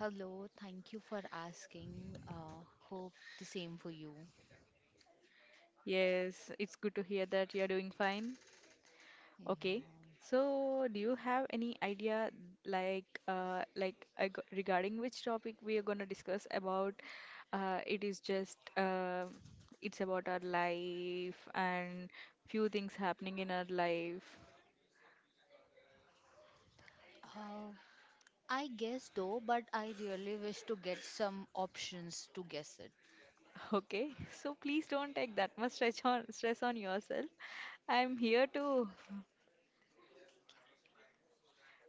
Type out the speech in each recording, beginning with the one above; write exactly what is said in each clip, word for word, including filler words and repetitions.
Hello, thank you for asking. Uh, hope the same for you. Yes, it's good to hear that you're doing fine. Yeah. Okay. So, do you have any idea like uh like I g- regarding which topic we are going to discuss about? Uh it is just uh it's about our life and few things happening in our life. Uh, I guess though, but I really wish to get some options to guess it. Okay. So, please don't take that much stress on stress on yourself. I'm here to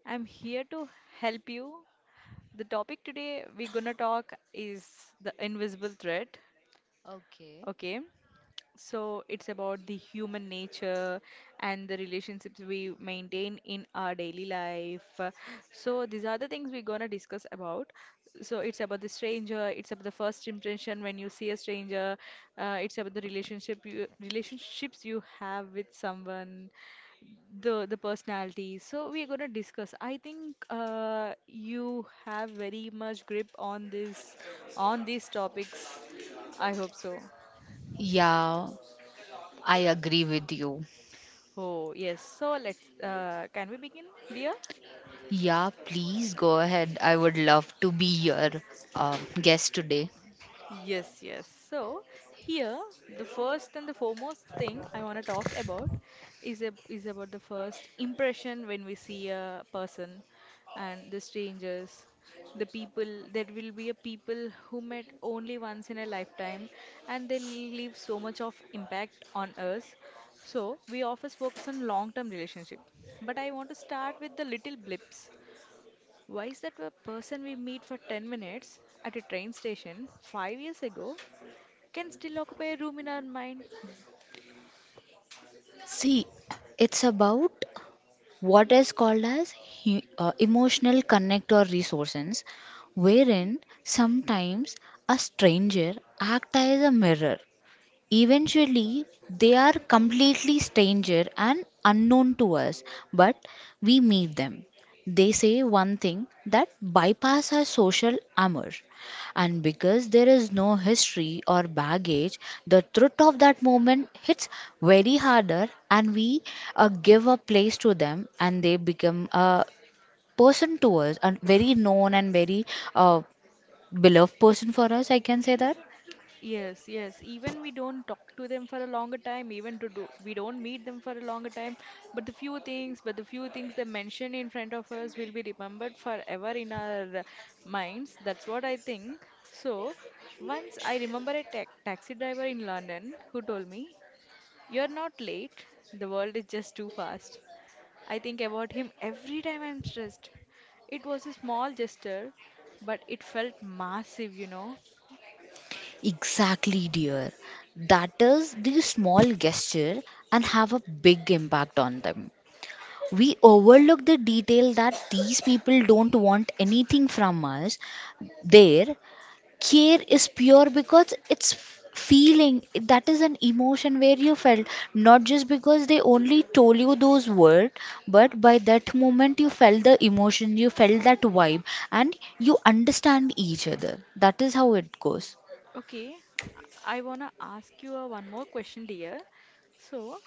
I'm here to help you. The topic today we're gonna talk is the invisible threat. Okay. Okay, so it's about the human nature and the relationships we maintain in our daily life. So these are the things we're gonna discuss about. So it's about the stranger. It's about the first impression when you see a stranger. Uh, it's about the relationship you relationships you have with someone, the the personality. So we're gonna discuss. I think uh, you have very much grip on this, on these topics. I hope so. Yeah, I agree with you. Oh yes. So let's uh, can we begin, dear? Yeah, please go ahead. I would love to be your uh, guest today. Yes, yes. So here, the first and the foremost thing I want to talk about is a, is about the first impression when we see a person and the strangers, the people. There will be a people who met only once in a lifetime, and they leave so much of impact on us. So we always focus on long-term relationship, but I want to start with the little blips. Why is that a person we meet for ten minutes at a train station five years ago can still occupy a room in our mind? See, it's about what is called as he- uh, emotional connect or resources wherein sometimes a stranger act as a mirror. Eventually, they are completely stranger and unknown to us, but we meet them. They say one thing that bypass our social armor. And because there is no history or baggage, the truth of that moment hits very harder, and we uh, give a place to them and they become a person to us, a very known and very uh, beloved person for us, I can say that. Yes, yes. Even we don't talk to them for a longer time, even to do we don't meet them for a longer time, but the few things, but the few things they mention in front of us will be remembered forever in our uh, minds. That's what I think. So, once I remember a ta taxi driver in London who told me, "You're not late. The world is just too fast." I think about him every time I'm stressed. It was a small gesture, but it felt massive, you know. Exactly, dear. That is the small gesture and have a big impact on them. We overlook the detail that these people don't want anything from us. Their care is pure because it's feeling that is an emotion where you felt not just because they only told you those words, but by that moment you felt the emotion, you felt that vibe, and you understand each other. That is how it goes. Okay, I wanna ask you a one more question, dear. So,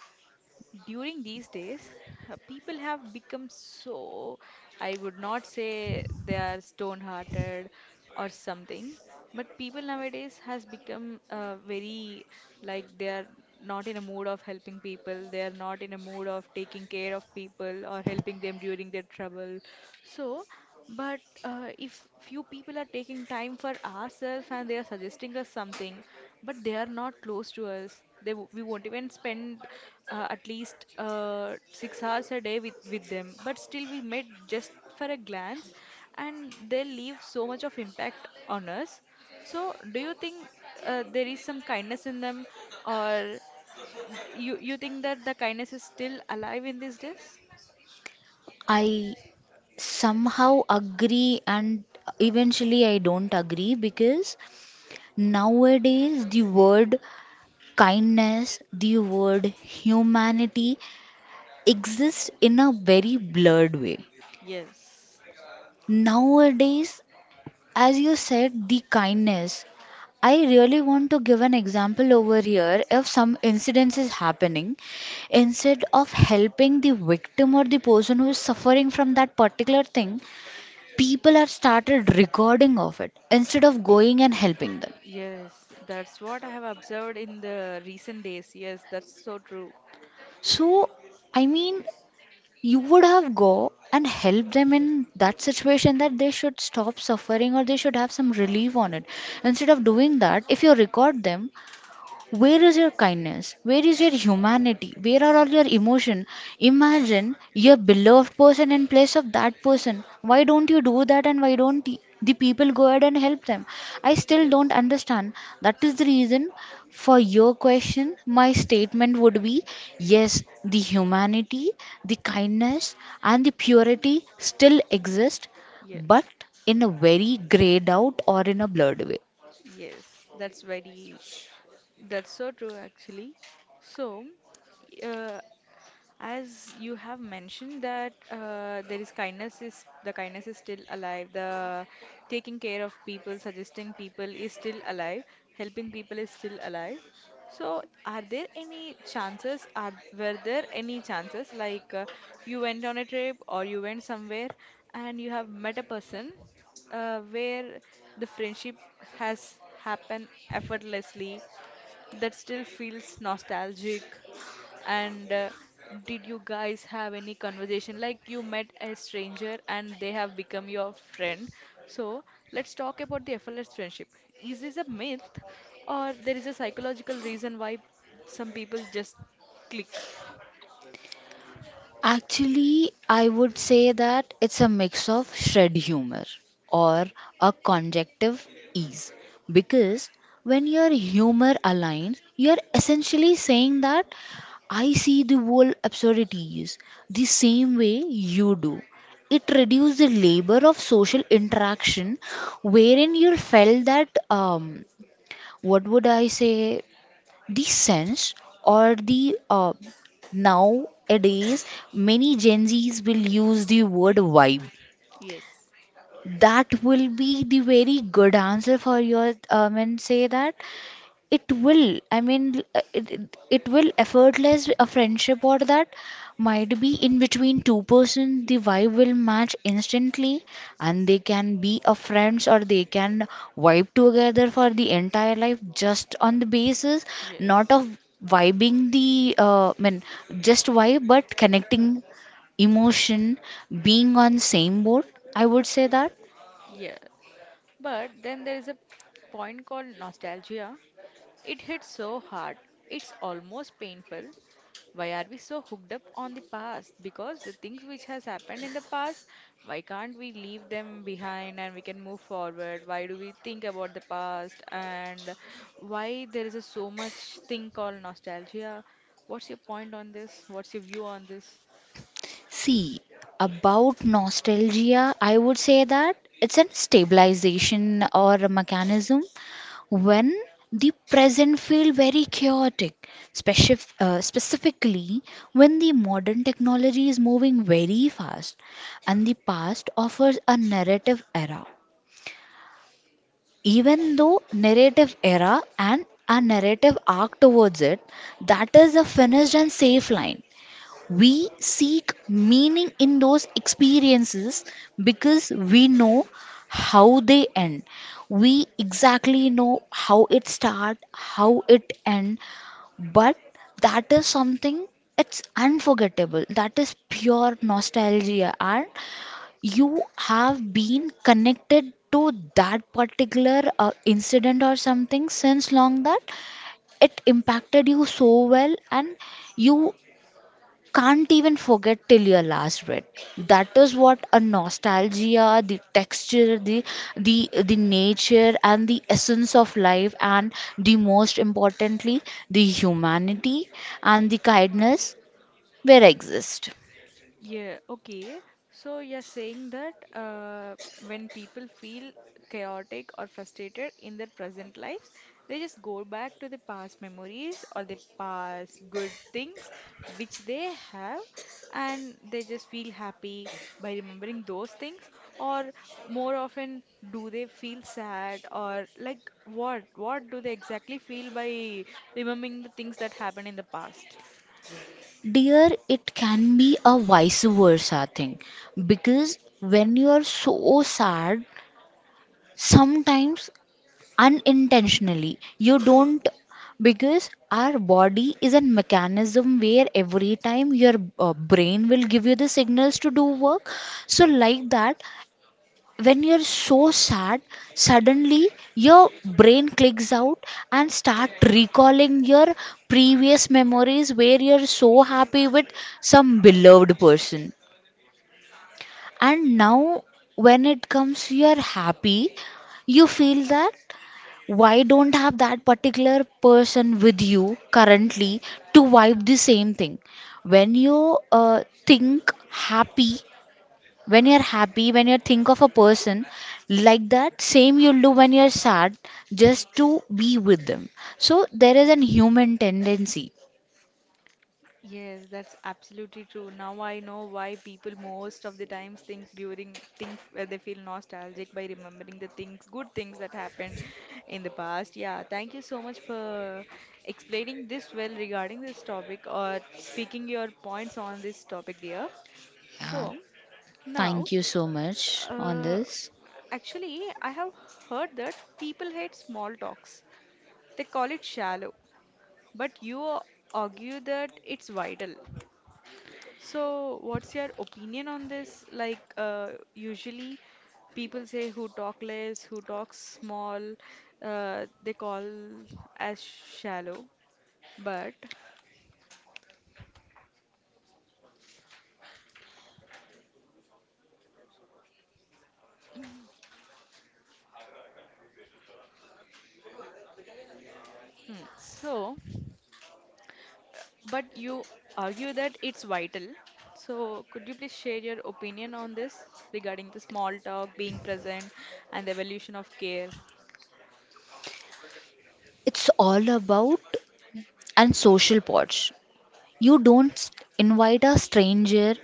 during these days, uh, people have become so, I would not say they are stone hearted or something, but people nowadays has become uh, very, like they are not in a mood of helping people, they are not in a mood of taking care of people or helping them during their trouble. So, but uh, if few people are taking time for ourselves and they are suggesting us something, but they are not close to us. They w- we won't even spend uh, at least uh, six hours a day with with them. But still, we met just for a glance, and they leave so much of impact on us. So, do you think uh, there is some kindness in them, or you you think that the kindness is still alive in these days? I somehow agree and eventually I don't agree because nowadays the word kindness, the word humanity exists in a very blurred way. Yes. Nowadays, as you said, the kindness. I really want to give an example over here. If some incidents is happening, instead of helping the victim or the person who is suffering from that particular thing, people have started recording of it instead of going and helping them. Yes, that's what I have observed in the recent days. Yes, that's so true. So I mean, you would have go and help them in that situation, that they should stop suffering or they should have some relief on it, instead of doing that, if you record them. Where is your kindness? Where is your humanity? Where are all your emotion? Imagine your beloved person in place of that person. Why don't you do that and why don't y- the people go ahead and help them? I still Yes. don't understand. That is the reason for your question. My statement would be yes, the humanity, the kindness, and the purity still exist, but Yes. in a very grayed out or in a blurred way. Yes, that's very, that's so true actually. So, uh, as you have mentioned that uh, there is kindness is the kindness is still alive. The taking care of people, suggesting people is still alive. Helping people is still alive. So, are there any chances? Are Were there any chances like uh, you went on a trip or you went somewhere and you have met a person uh, where the friendship has happened effortlessly that still feels nostalgic? And uh, did you guys have any conversation like you met a stranger and they have become your friend? So let's talk about the effortless friendship. Is this a myth or there is a psychological reason why some people just click? Actually, I would say that it's a mix of shred humor or a conjunctive ease, because when your humor aligns, you're essentially saying that I see the whole absurdities the same way you do. It reduces the labor of social interaction, wherein you felt that um, what would I say, the sense or the uh, nowadays many Gen Z's will use the word vibe. Yes. That will be the very good answer for your um, and say that it will. I mean, uh, it, it it will effortless a friendship, or that might be in between two persons. The vibe will match instantly, and they can be a friends, or they can vibe together for the entire life just on the basis, not Yes. of vibing the uh, I mean just vibe, but connecting emotion, being on same boat. I would say that. Yes. But then there is a point called nostalgia. It hits so hard, it's almost painful. Why are we so hooked up on the past? Because the things which has happened in the past, why can't we leave them behind and we can move forward? Why do we think about the past and why there is a so much thing called nostalgia? What's your point on this? What's your view on this? See, about nostalgia, I would say that it's a stabilization or a mechanism when the present feel very chaotic, specif- uh, specifically when the modern technology is moving very fast and the past offers a narrative era. Even though narrative era and a narrative arc towards it, that is a finished and safe line. We seek meaning in those experiences because we know how they end. We exactly know how it start, how it end, but that is something, it's unforgettable. That is pure nostalgia, and you have been connected to that particular uh, incident or something since long, that it impacted you so well and you can't even forget till your last breath. That is what a nostalgia, the texture, the the the nature and the essence of life, and the most importantly the humanity and the kindness where exist. Yeah, okay. So you're saying that uh, when people feel chaotic or frustrated in their present lives, they just go back to the past memories or the past good things which they have, and they just feel happy by remembering those things, or more often, do they feel sad or like what? What do they exactly feel by remembering the things that happened in the past? Dear, it can be a vice versa thing, because when you are so sad, sometimes unintentionally you don't, because our body is a mechanism where every time your uh, brain will give you the signals to do work. So like that, when you're so sad, suddenly your brain clicks out and start recalling your previous memories where you're so happy with some beloved person, and now when it comes you're happy, you feel that, why don't have that particular person with you currently to vibe the same thing? When you uh, think happy, when you're happy, when you think of a person like that, same you'll do when you're sad, just to be with them. So there is an human tendency. Yes, that's absolutely true. Now I know why people most of the times think during think uh, they feel nostalgic by remembering the things, good things that happened in the past. Yeah, thank you so much for explaining this well regarding this topic or speaking your points on this topic, dear. Yeah, So now, thank you so much on uh, this. actually, I have heard that people hate small talks. They call it shallow, but you argue that it's vital. So, what's your opinion on this? Like, uh, usually people say who talk less, who talks small, uh, they call as shallow. But, hmm, so, but you argue that it's vital. So, could you please share your opinion on this regarding the small talk, being present, and the evolution of care? It's all about and social pods. You don't st- invite a stranger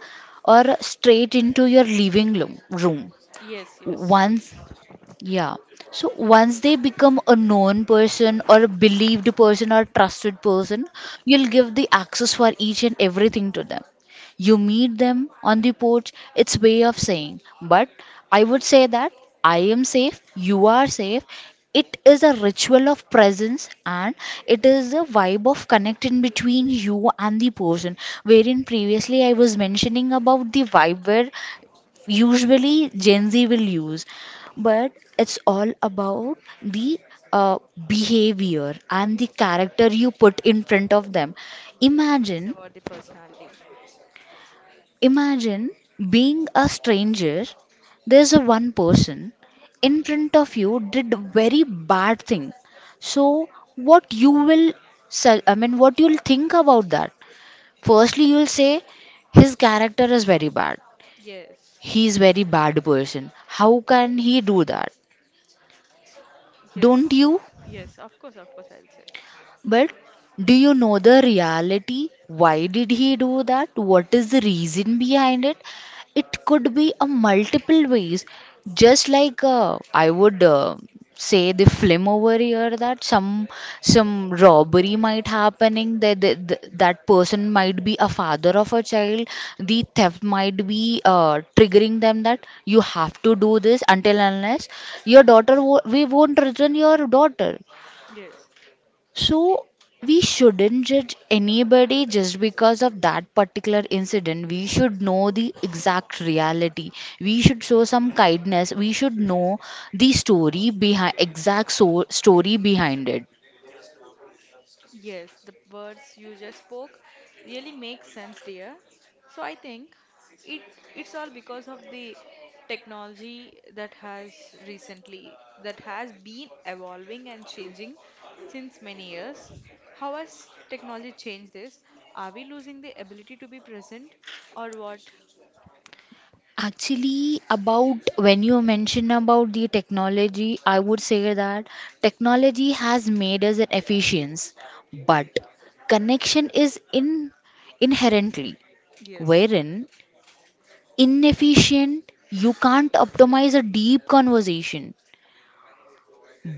or straight into your living lo- room. Yes, yes. Once Yeah. So once they become a known person or a believed person or trusted person, you'll give the access for each and everything to them. You meet them on the porch, it's way of saying. But I would say that I am safe, you are safe. It is a ritual of presence, and it is a vibe of connecting between you and the person. Wherein previously I was mentioning about the vibe where usually Gen Z will use, but it's all about the uh, behavior and the character you put in front of them. Yes, it's Imagine, about the personality. imagine being a stranger. There's a one person in front of you did very bad thing. So what you will, se- I mean, what you'll think about that? Firstly, you'll say his character is very bad. Yes, He's very bad person. How can he do that? Don't yes, you? yes, of course, of course, I'll say. But do you know the reality? Why did he do that? What is the reason behind it? It could be a multiple ways. Just like uh, I would uh, say the film over here that some some robbery might happening, that that that that person might be a father of a child. The theft might be uh, triggering them that you have to do this until unless your daughter wo- we won't return your daughter. Yes, So we shouldn't judge anybody just because of that particular incident. We should know the exact reality. We should show some kindness. We should know the story behind exact so- story behind it. yes, the words you just spoke really make sense, dear. So I think it it's all because of the technology that has recently that has been evolving and changing since many years. How has technology changed this? Are we losing the ability to be present or what? Actually, about when you mention about the technology, I would say that technology has made us an efficient, but connection is in inherently, Yes, wherein inefficient you can't optimize a deep conversation,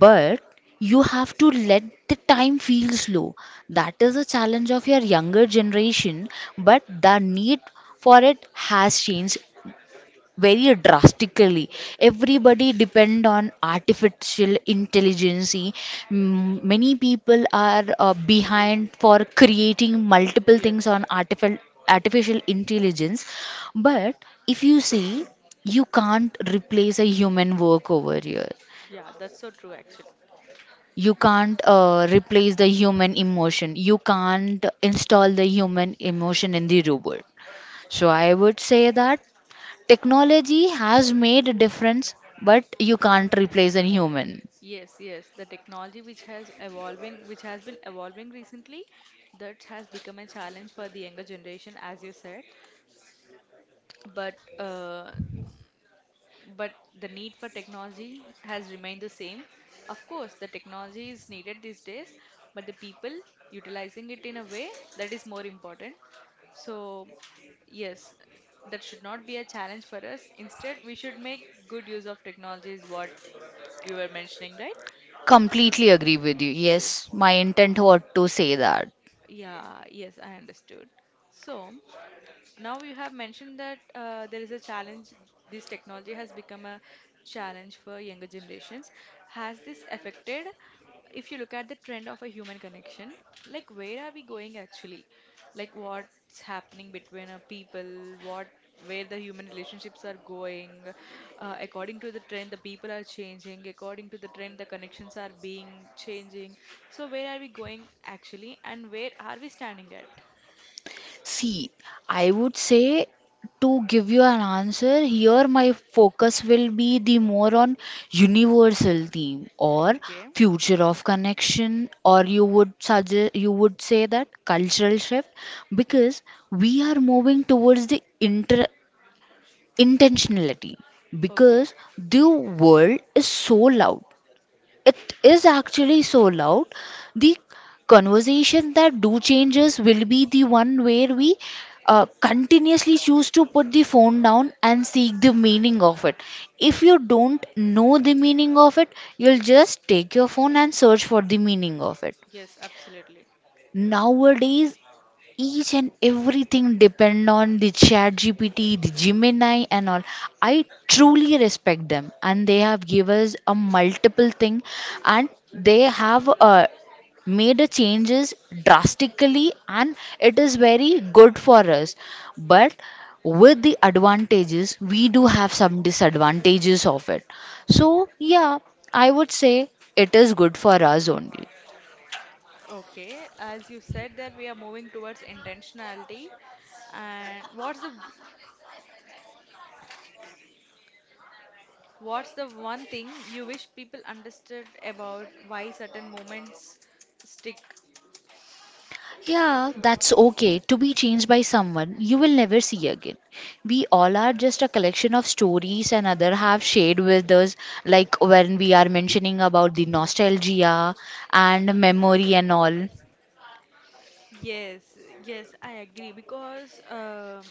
but you have to let the time feel slow. That is a challenge of your younger generation, but the need for it has changed very drastically. Everybody depend on artificial intelligence. Mm, many people are uh, behind for creating multiple things yes. on artificial artificial intelligence, but if you see, you can't replace a human work over here, Yeah, that's so true actually. you can't uh, replace the human emotion, you can't install the human emotion in the robot. So I would say that technology has made a difference, but you can't replace a human. Yes, yes. The technology which has evolving, which has been evolving recently, that has become a challenge for the younger generation, as you said. But uh, but the need for technology has remained the same. Of course, the technology is needed these days, but the people utilizing it in a way that is more important. So, yes, that should not be a challenge for us. Instead, we should make good use of technology, is what you were mentioning, right? Completely agree with you. Yes, Yes. my intent was to say that. Yeah, yes, I understood. So, now you have mentioned that uh, there is a challenge. This technology has become a challenge for younger generations. Has this affected, if you look at the trend of a human connection, like where are we going actually? Like what's happening between uh, people, what where the human relationships are going, uh, according to the trend, the people are changing, according to the trend, the connections are being changing. So where are we going actually, and where are we standing at? See, I would say, to give you an answer, here my focus will be the more on universal theme or Okay. future of connection, or you would suggest, you would say that cultural shift, because we are moving towards the inter intentionality, Okay. because the world is so loud, it is actually so loud. The conversation that do changes will be the one where we uh, continuously choose to put the phone down and seek the meaning of it. If you don't know the meaning of it, you'll just take your phone and search for the meaning of it. Yes, absolutely. Nowadays, each and everything depend on the Chat GPT, the Gemini and all. I truly respect them, and they have given us a multiple thing, and they have uh, made the changes drastically, and it is very good for us. But with the advantages we do have some disadvantages of it. So yeah, I would say it is good for us only. Okay, as you said that we are moving towards intentionality. And what's the what's the one thing you wish people understood about why certain moments stick? Yeah, that's okay to be changed by someone you will never see again. We all are just a collection of stories and other have shared with us, like when we are mentioning about the nostalgia and memory and all. Yes, yes, I agree because um,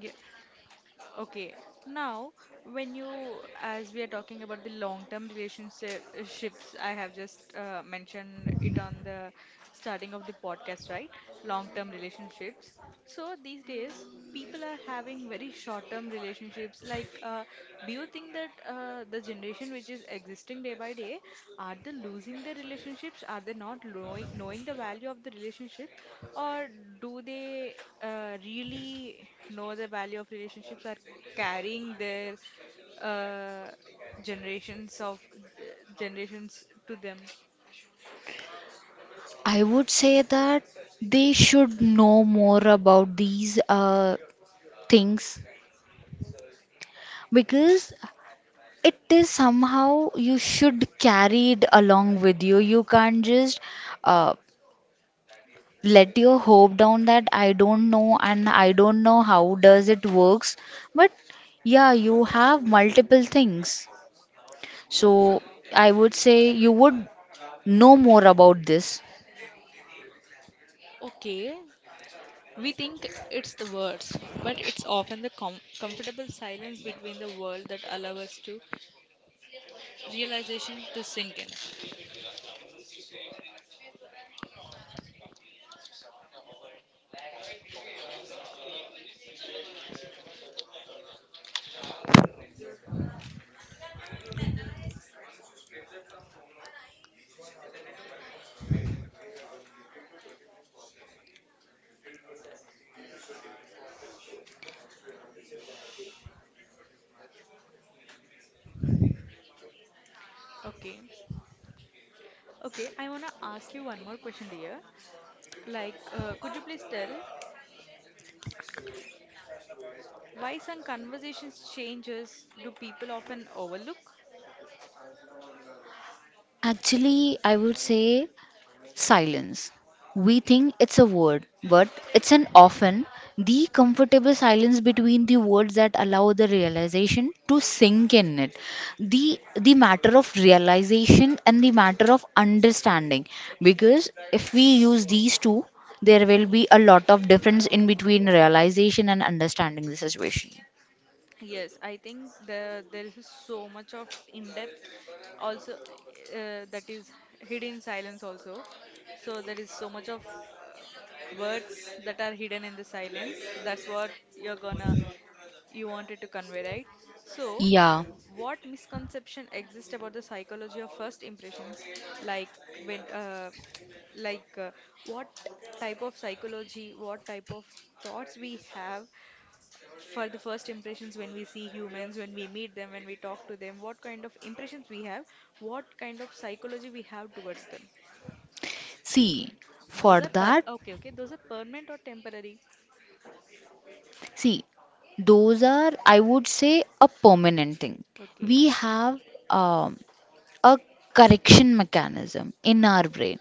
yeah. Okay. Now, when you, as we are talking about the long-term relationships, I have just uh, mentioned it on the starting of the podcast, right? Long-term relationships. So these days, people are having very short-term relationships. Like, uh, do you think that uh, the the generation which is existing day by day, are they losing their relationships? Are they not knowing, knowing the value of the relationship? Or do they uh, really know the value of relationships, are carrying their uh, generations of uh, generations to them? I would say that they should know more about these uh, things, because it is somehow you should carry it along with you. You can't just uh, let your hope down, that I don't know and I don't know how does it works. But yeah, you have multiple things, so I would say you would know more about this. Okay, we think it's the words, but it's often the com- comfortable silence between the world that allow us to realization to sink in. Okay. Okay, I want to ask you one more question, dear. Like, uh, could you please tell why some conversations changes do people often overlook? Actually, I would say, silence. We think it's a word, but it's an often the comfortable silence between the words that allow the realization to sink in it. The the matter of realization and the matter of understanding. Because if we use these two, there will be a lot of difference in between realization and understanding the situation. Yes, I think the there is so much of in-depth also uh, that is hidden silence also. So there is so much of uh, words that are hidden in the silence. That's what you're gonna you wanted to convey, right? So, Yeah. what misconception exists about the psychology of first impressions? Like when, uh, like uh, what type of psychology, what type of thoughts we have for the first impressions when we see humans, when we meet them, when we talk to them, what kind of impressions we have, what kind of psychology we have towards them. See, Those for are per that. Okay, okay. Those are permanent or temporary. See, those are, I would say, a permanent thing. Okay, We have um, a correction mechanism in our brain.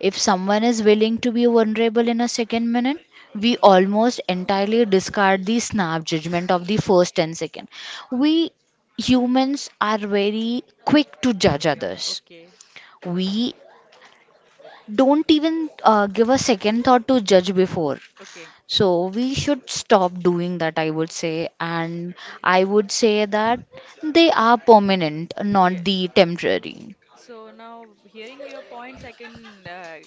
If someone is willing to be vulnerable in a second minute, we almost entirely discard the snap judgment of the first ten seconds. We humans are very quick to judge others. okay, We don't even uh, give a second thought to judge before. okay. So we should stop doing that, I would say. And I would say that they are permanent, Yeah. not the temporary. So now hearing your points, I can uh,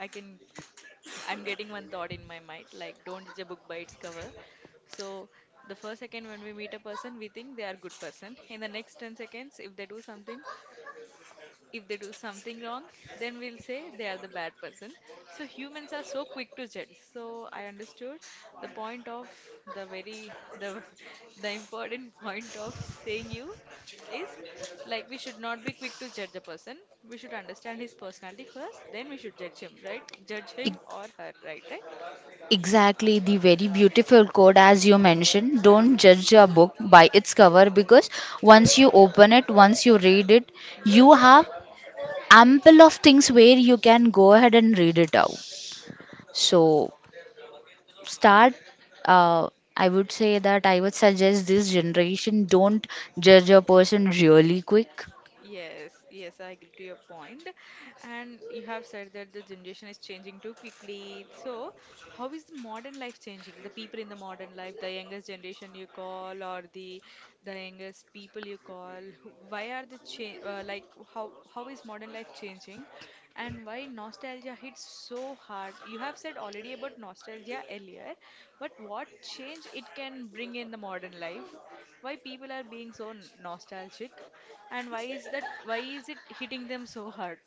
I can I'm getting one thought in my mind like don't judge a book by its cover. So the first second when we meet a person, we think they are good person. In the next ten seconds, if they do something, if they do something wrong, then we'll say they are the bad person. So humans are so quick to judge. So I understood the point of the very the the important point of saying you is like we should not be quick to judge a person. We should understand his personality first, then we should judge him, right? Judge E- him or her, right? Right? Exactly, the very beautiful quote as you mentioned. Don't judge a book by its cover, because once you open it, once you read it, Yes. you have ample of things where you can go ahead and read it out. So start, uh, I would say that I would suggest this generation don't judge a person really quick. Yes, yes, I agree to your point. And you have said that the generation is changing too quickly. So, how is the modern life changing? The people in the modern life, the youngest generation you call, or the the youngest people you call, who- why are the change uh, like how how is modern life changing, and why nostalgia hits so hard? You have said already about nostalgia earlier, but what change it can bring in the modern life? Why people are being so nostalgic? And why is that? Why is it hitting them so hard?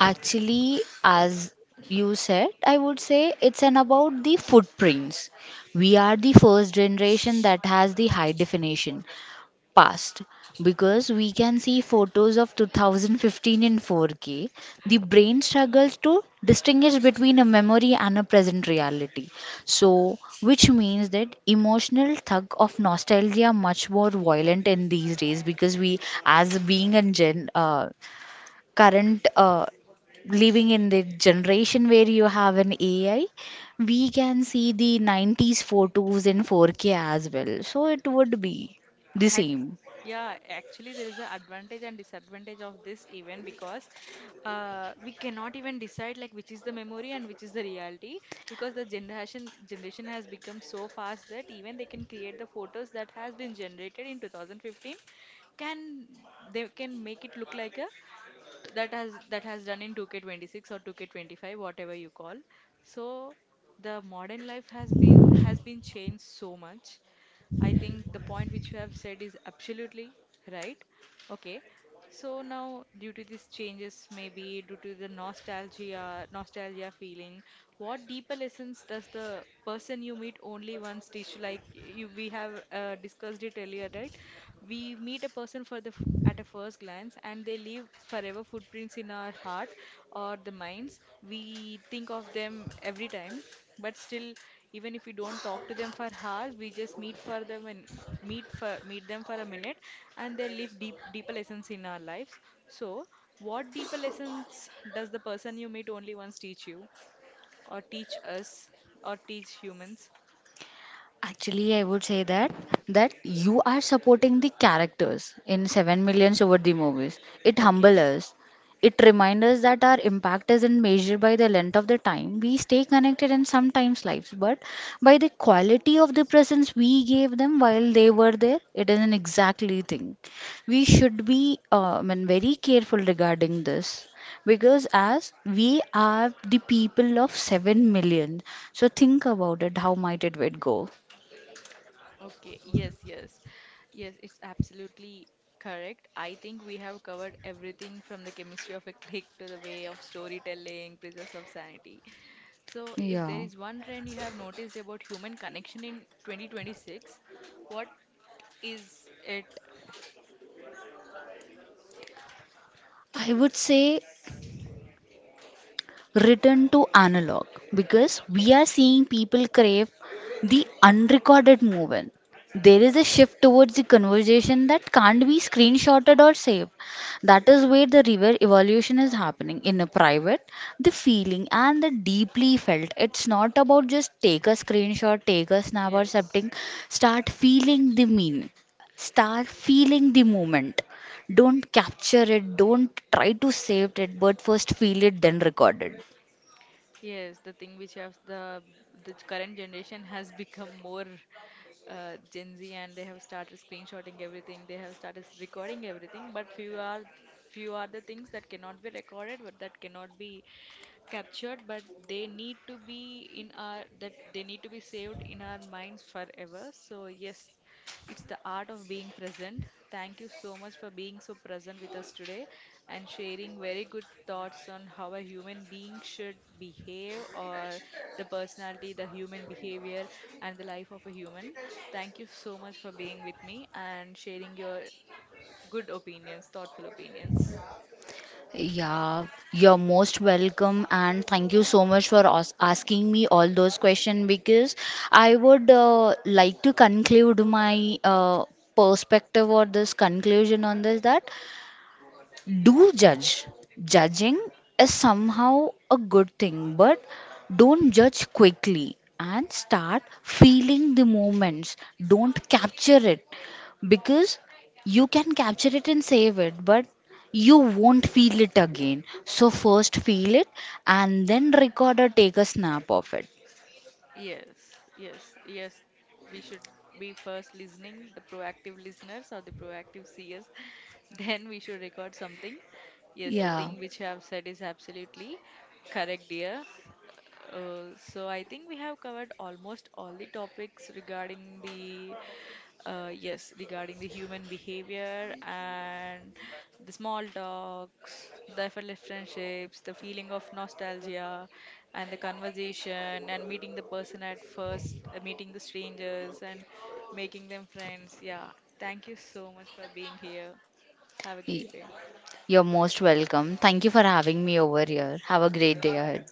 Actually, as you said, I would say it's an about the footprints. We are the first generation that has the high definition past, because we can see photos of two thousand fifteen in four K. The brain struggles to distinguish between a memory and a present reality. So, which means that emotional tug of nostalgia much more violent in these days because we, as being a gen, uh, current uh, living in the generation where you have an A I, we can see the nineties photos in four K as well. So it would be the Hack same. yeah, actually, there is an advantage and disadvantage of this event because uh, we cannot even decide like which is the memory and which is the reality because the generation generation has become so fast that even they can create the photos that has been generated in two thousand fifteen can they can make it look like a that has that has done in two K twenty-six or two K twenty-five whatever you call. So the modern life has been has been changed so much. I think the point which you have said is absolutely right. Okay. So now, due to these changes, maybe due to the nostalgia, nostalgia feeling, what deeper lessons does the person you meet only once teach? Like you, we have uh, discussed it earlier, right? We meet a person for the f- at a first glance, and they leave forever footprints in our heart or the minds. We think of them every time, but still, even if we don't talk to them for hours, we just meet for them and meet for meet them for a minute, and they leave deep deeper lessons in our lives. So what deeper lessons does the person you meet only once teach you, or teach us, or teach humans? Actually, I would say that that you are supporting the characters in seven millions over the movies. It humbles Okay. us. It reminds us that our impact isn't measured by the length of the time we stay connected in sometimes lives, but by the quality of the presence we gave them while they were there. It is an exactly thing. We should be uh, I mean, very careful regarding this, because as we are the people of seven million, so think about it. How might it would go? Okay, yes, yes. Yes, it's absolutely correct. I think we have covered everything from the chemistry of a click to the way of storytelling, preserves of sanity. So, if there Yeah. is one trend you have noticed about human connection in twenty twenty-six, what is it? I would say return to analog, because we are seeing people crave the unrecorded movement. There is a shift towards the conversation that can't be screenshotted or saved. That is where the river evolution is happening in a private, the feeling and the deeply felt. It's not about just take a screenshot, take a snap or something. Yes. Start feeling the meaning. Start feeling the moment. Don't capture it, don't try to save it, but first feel it, then record it. Yes, the thing which have the the current generation has become more uh, Gen Z, and they have started screenshotting everything. They have started recording everything, but few are few are the things that cannot be recorded, but that cannot be captured, but they need to be in our that they need to be saved in our minds forever. So yes, it's the art of being present. Thank you so much for being so present with us today, and sharing very good thoughts on how a human being should behave, or the personality, the human behavior, and the life of a human. Thank you so much for being with me and sharing your good opinions, thoughtful opinions. Yeah, you're most welcome, and thank you so much for as- two asking minutes. me all those questions, because I would, uh, like to conclude my, uh, perspective or this conclusion on this that. Do judge. Yes. Judging is somehow a good thing, but don't judge quickly and start feeling the moments. Don't capture it, because you can capture it and save it, but you won't feel it again. So, first feel it and then record or take a snap of it. Yes, yes, yes. We should be first listening, the proactive listeners or the proactive seers. Then we should record something. Yes, the Yeah, thing which you have said is absolutely correct, dear. Uh, so I think we have covered almost all the topics regarding the uh, yes, regarding the human behavior, and the small talks, the effortless friendships, the feeling of nostalgia, and the conversation, and meeting the person at first, uh, meeting the strangers, and making them friends. Yeah, thank you so much for being here. Have a Y- great day. you're most welcome. Thank you for having me over here. Have a great day ahead.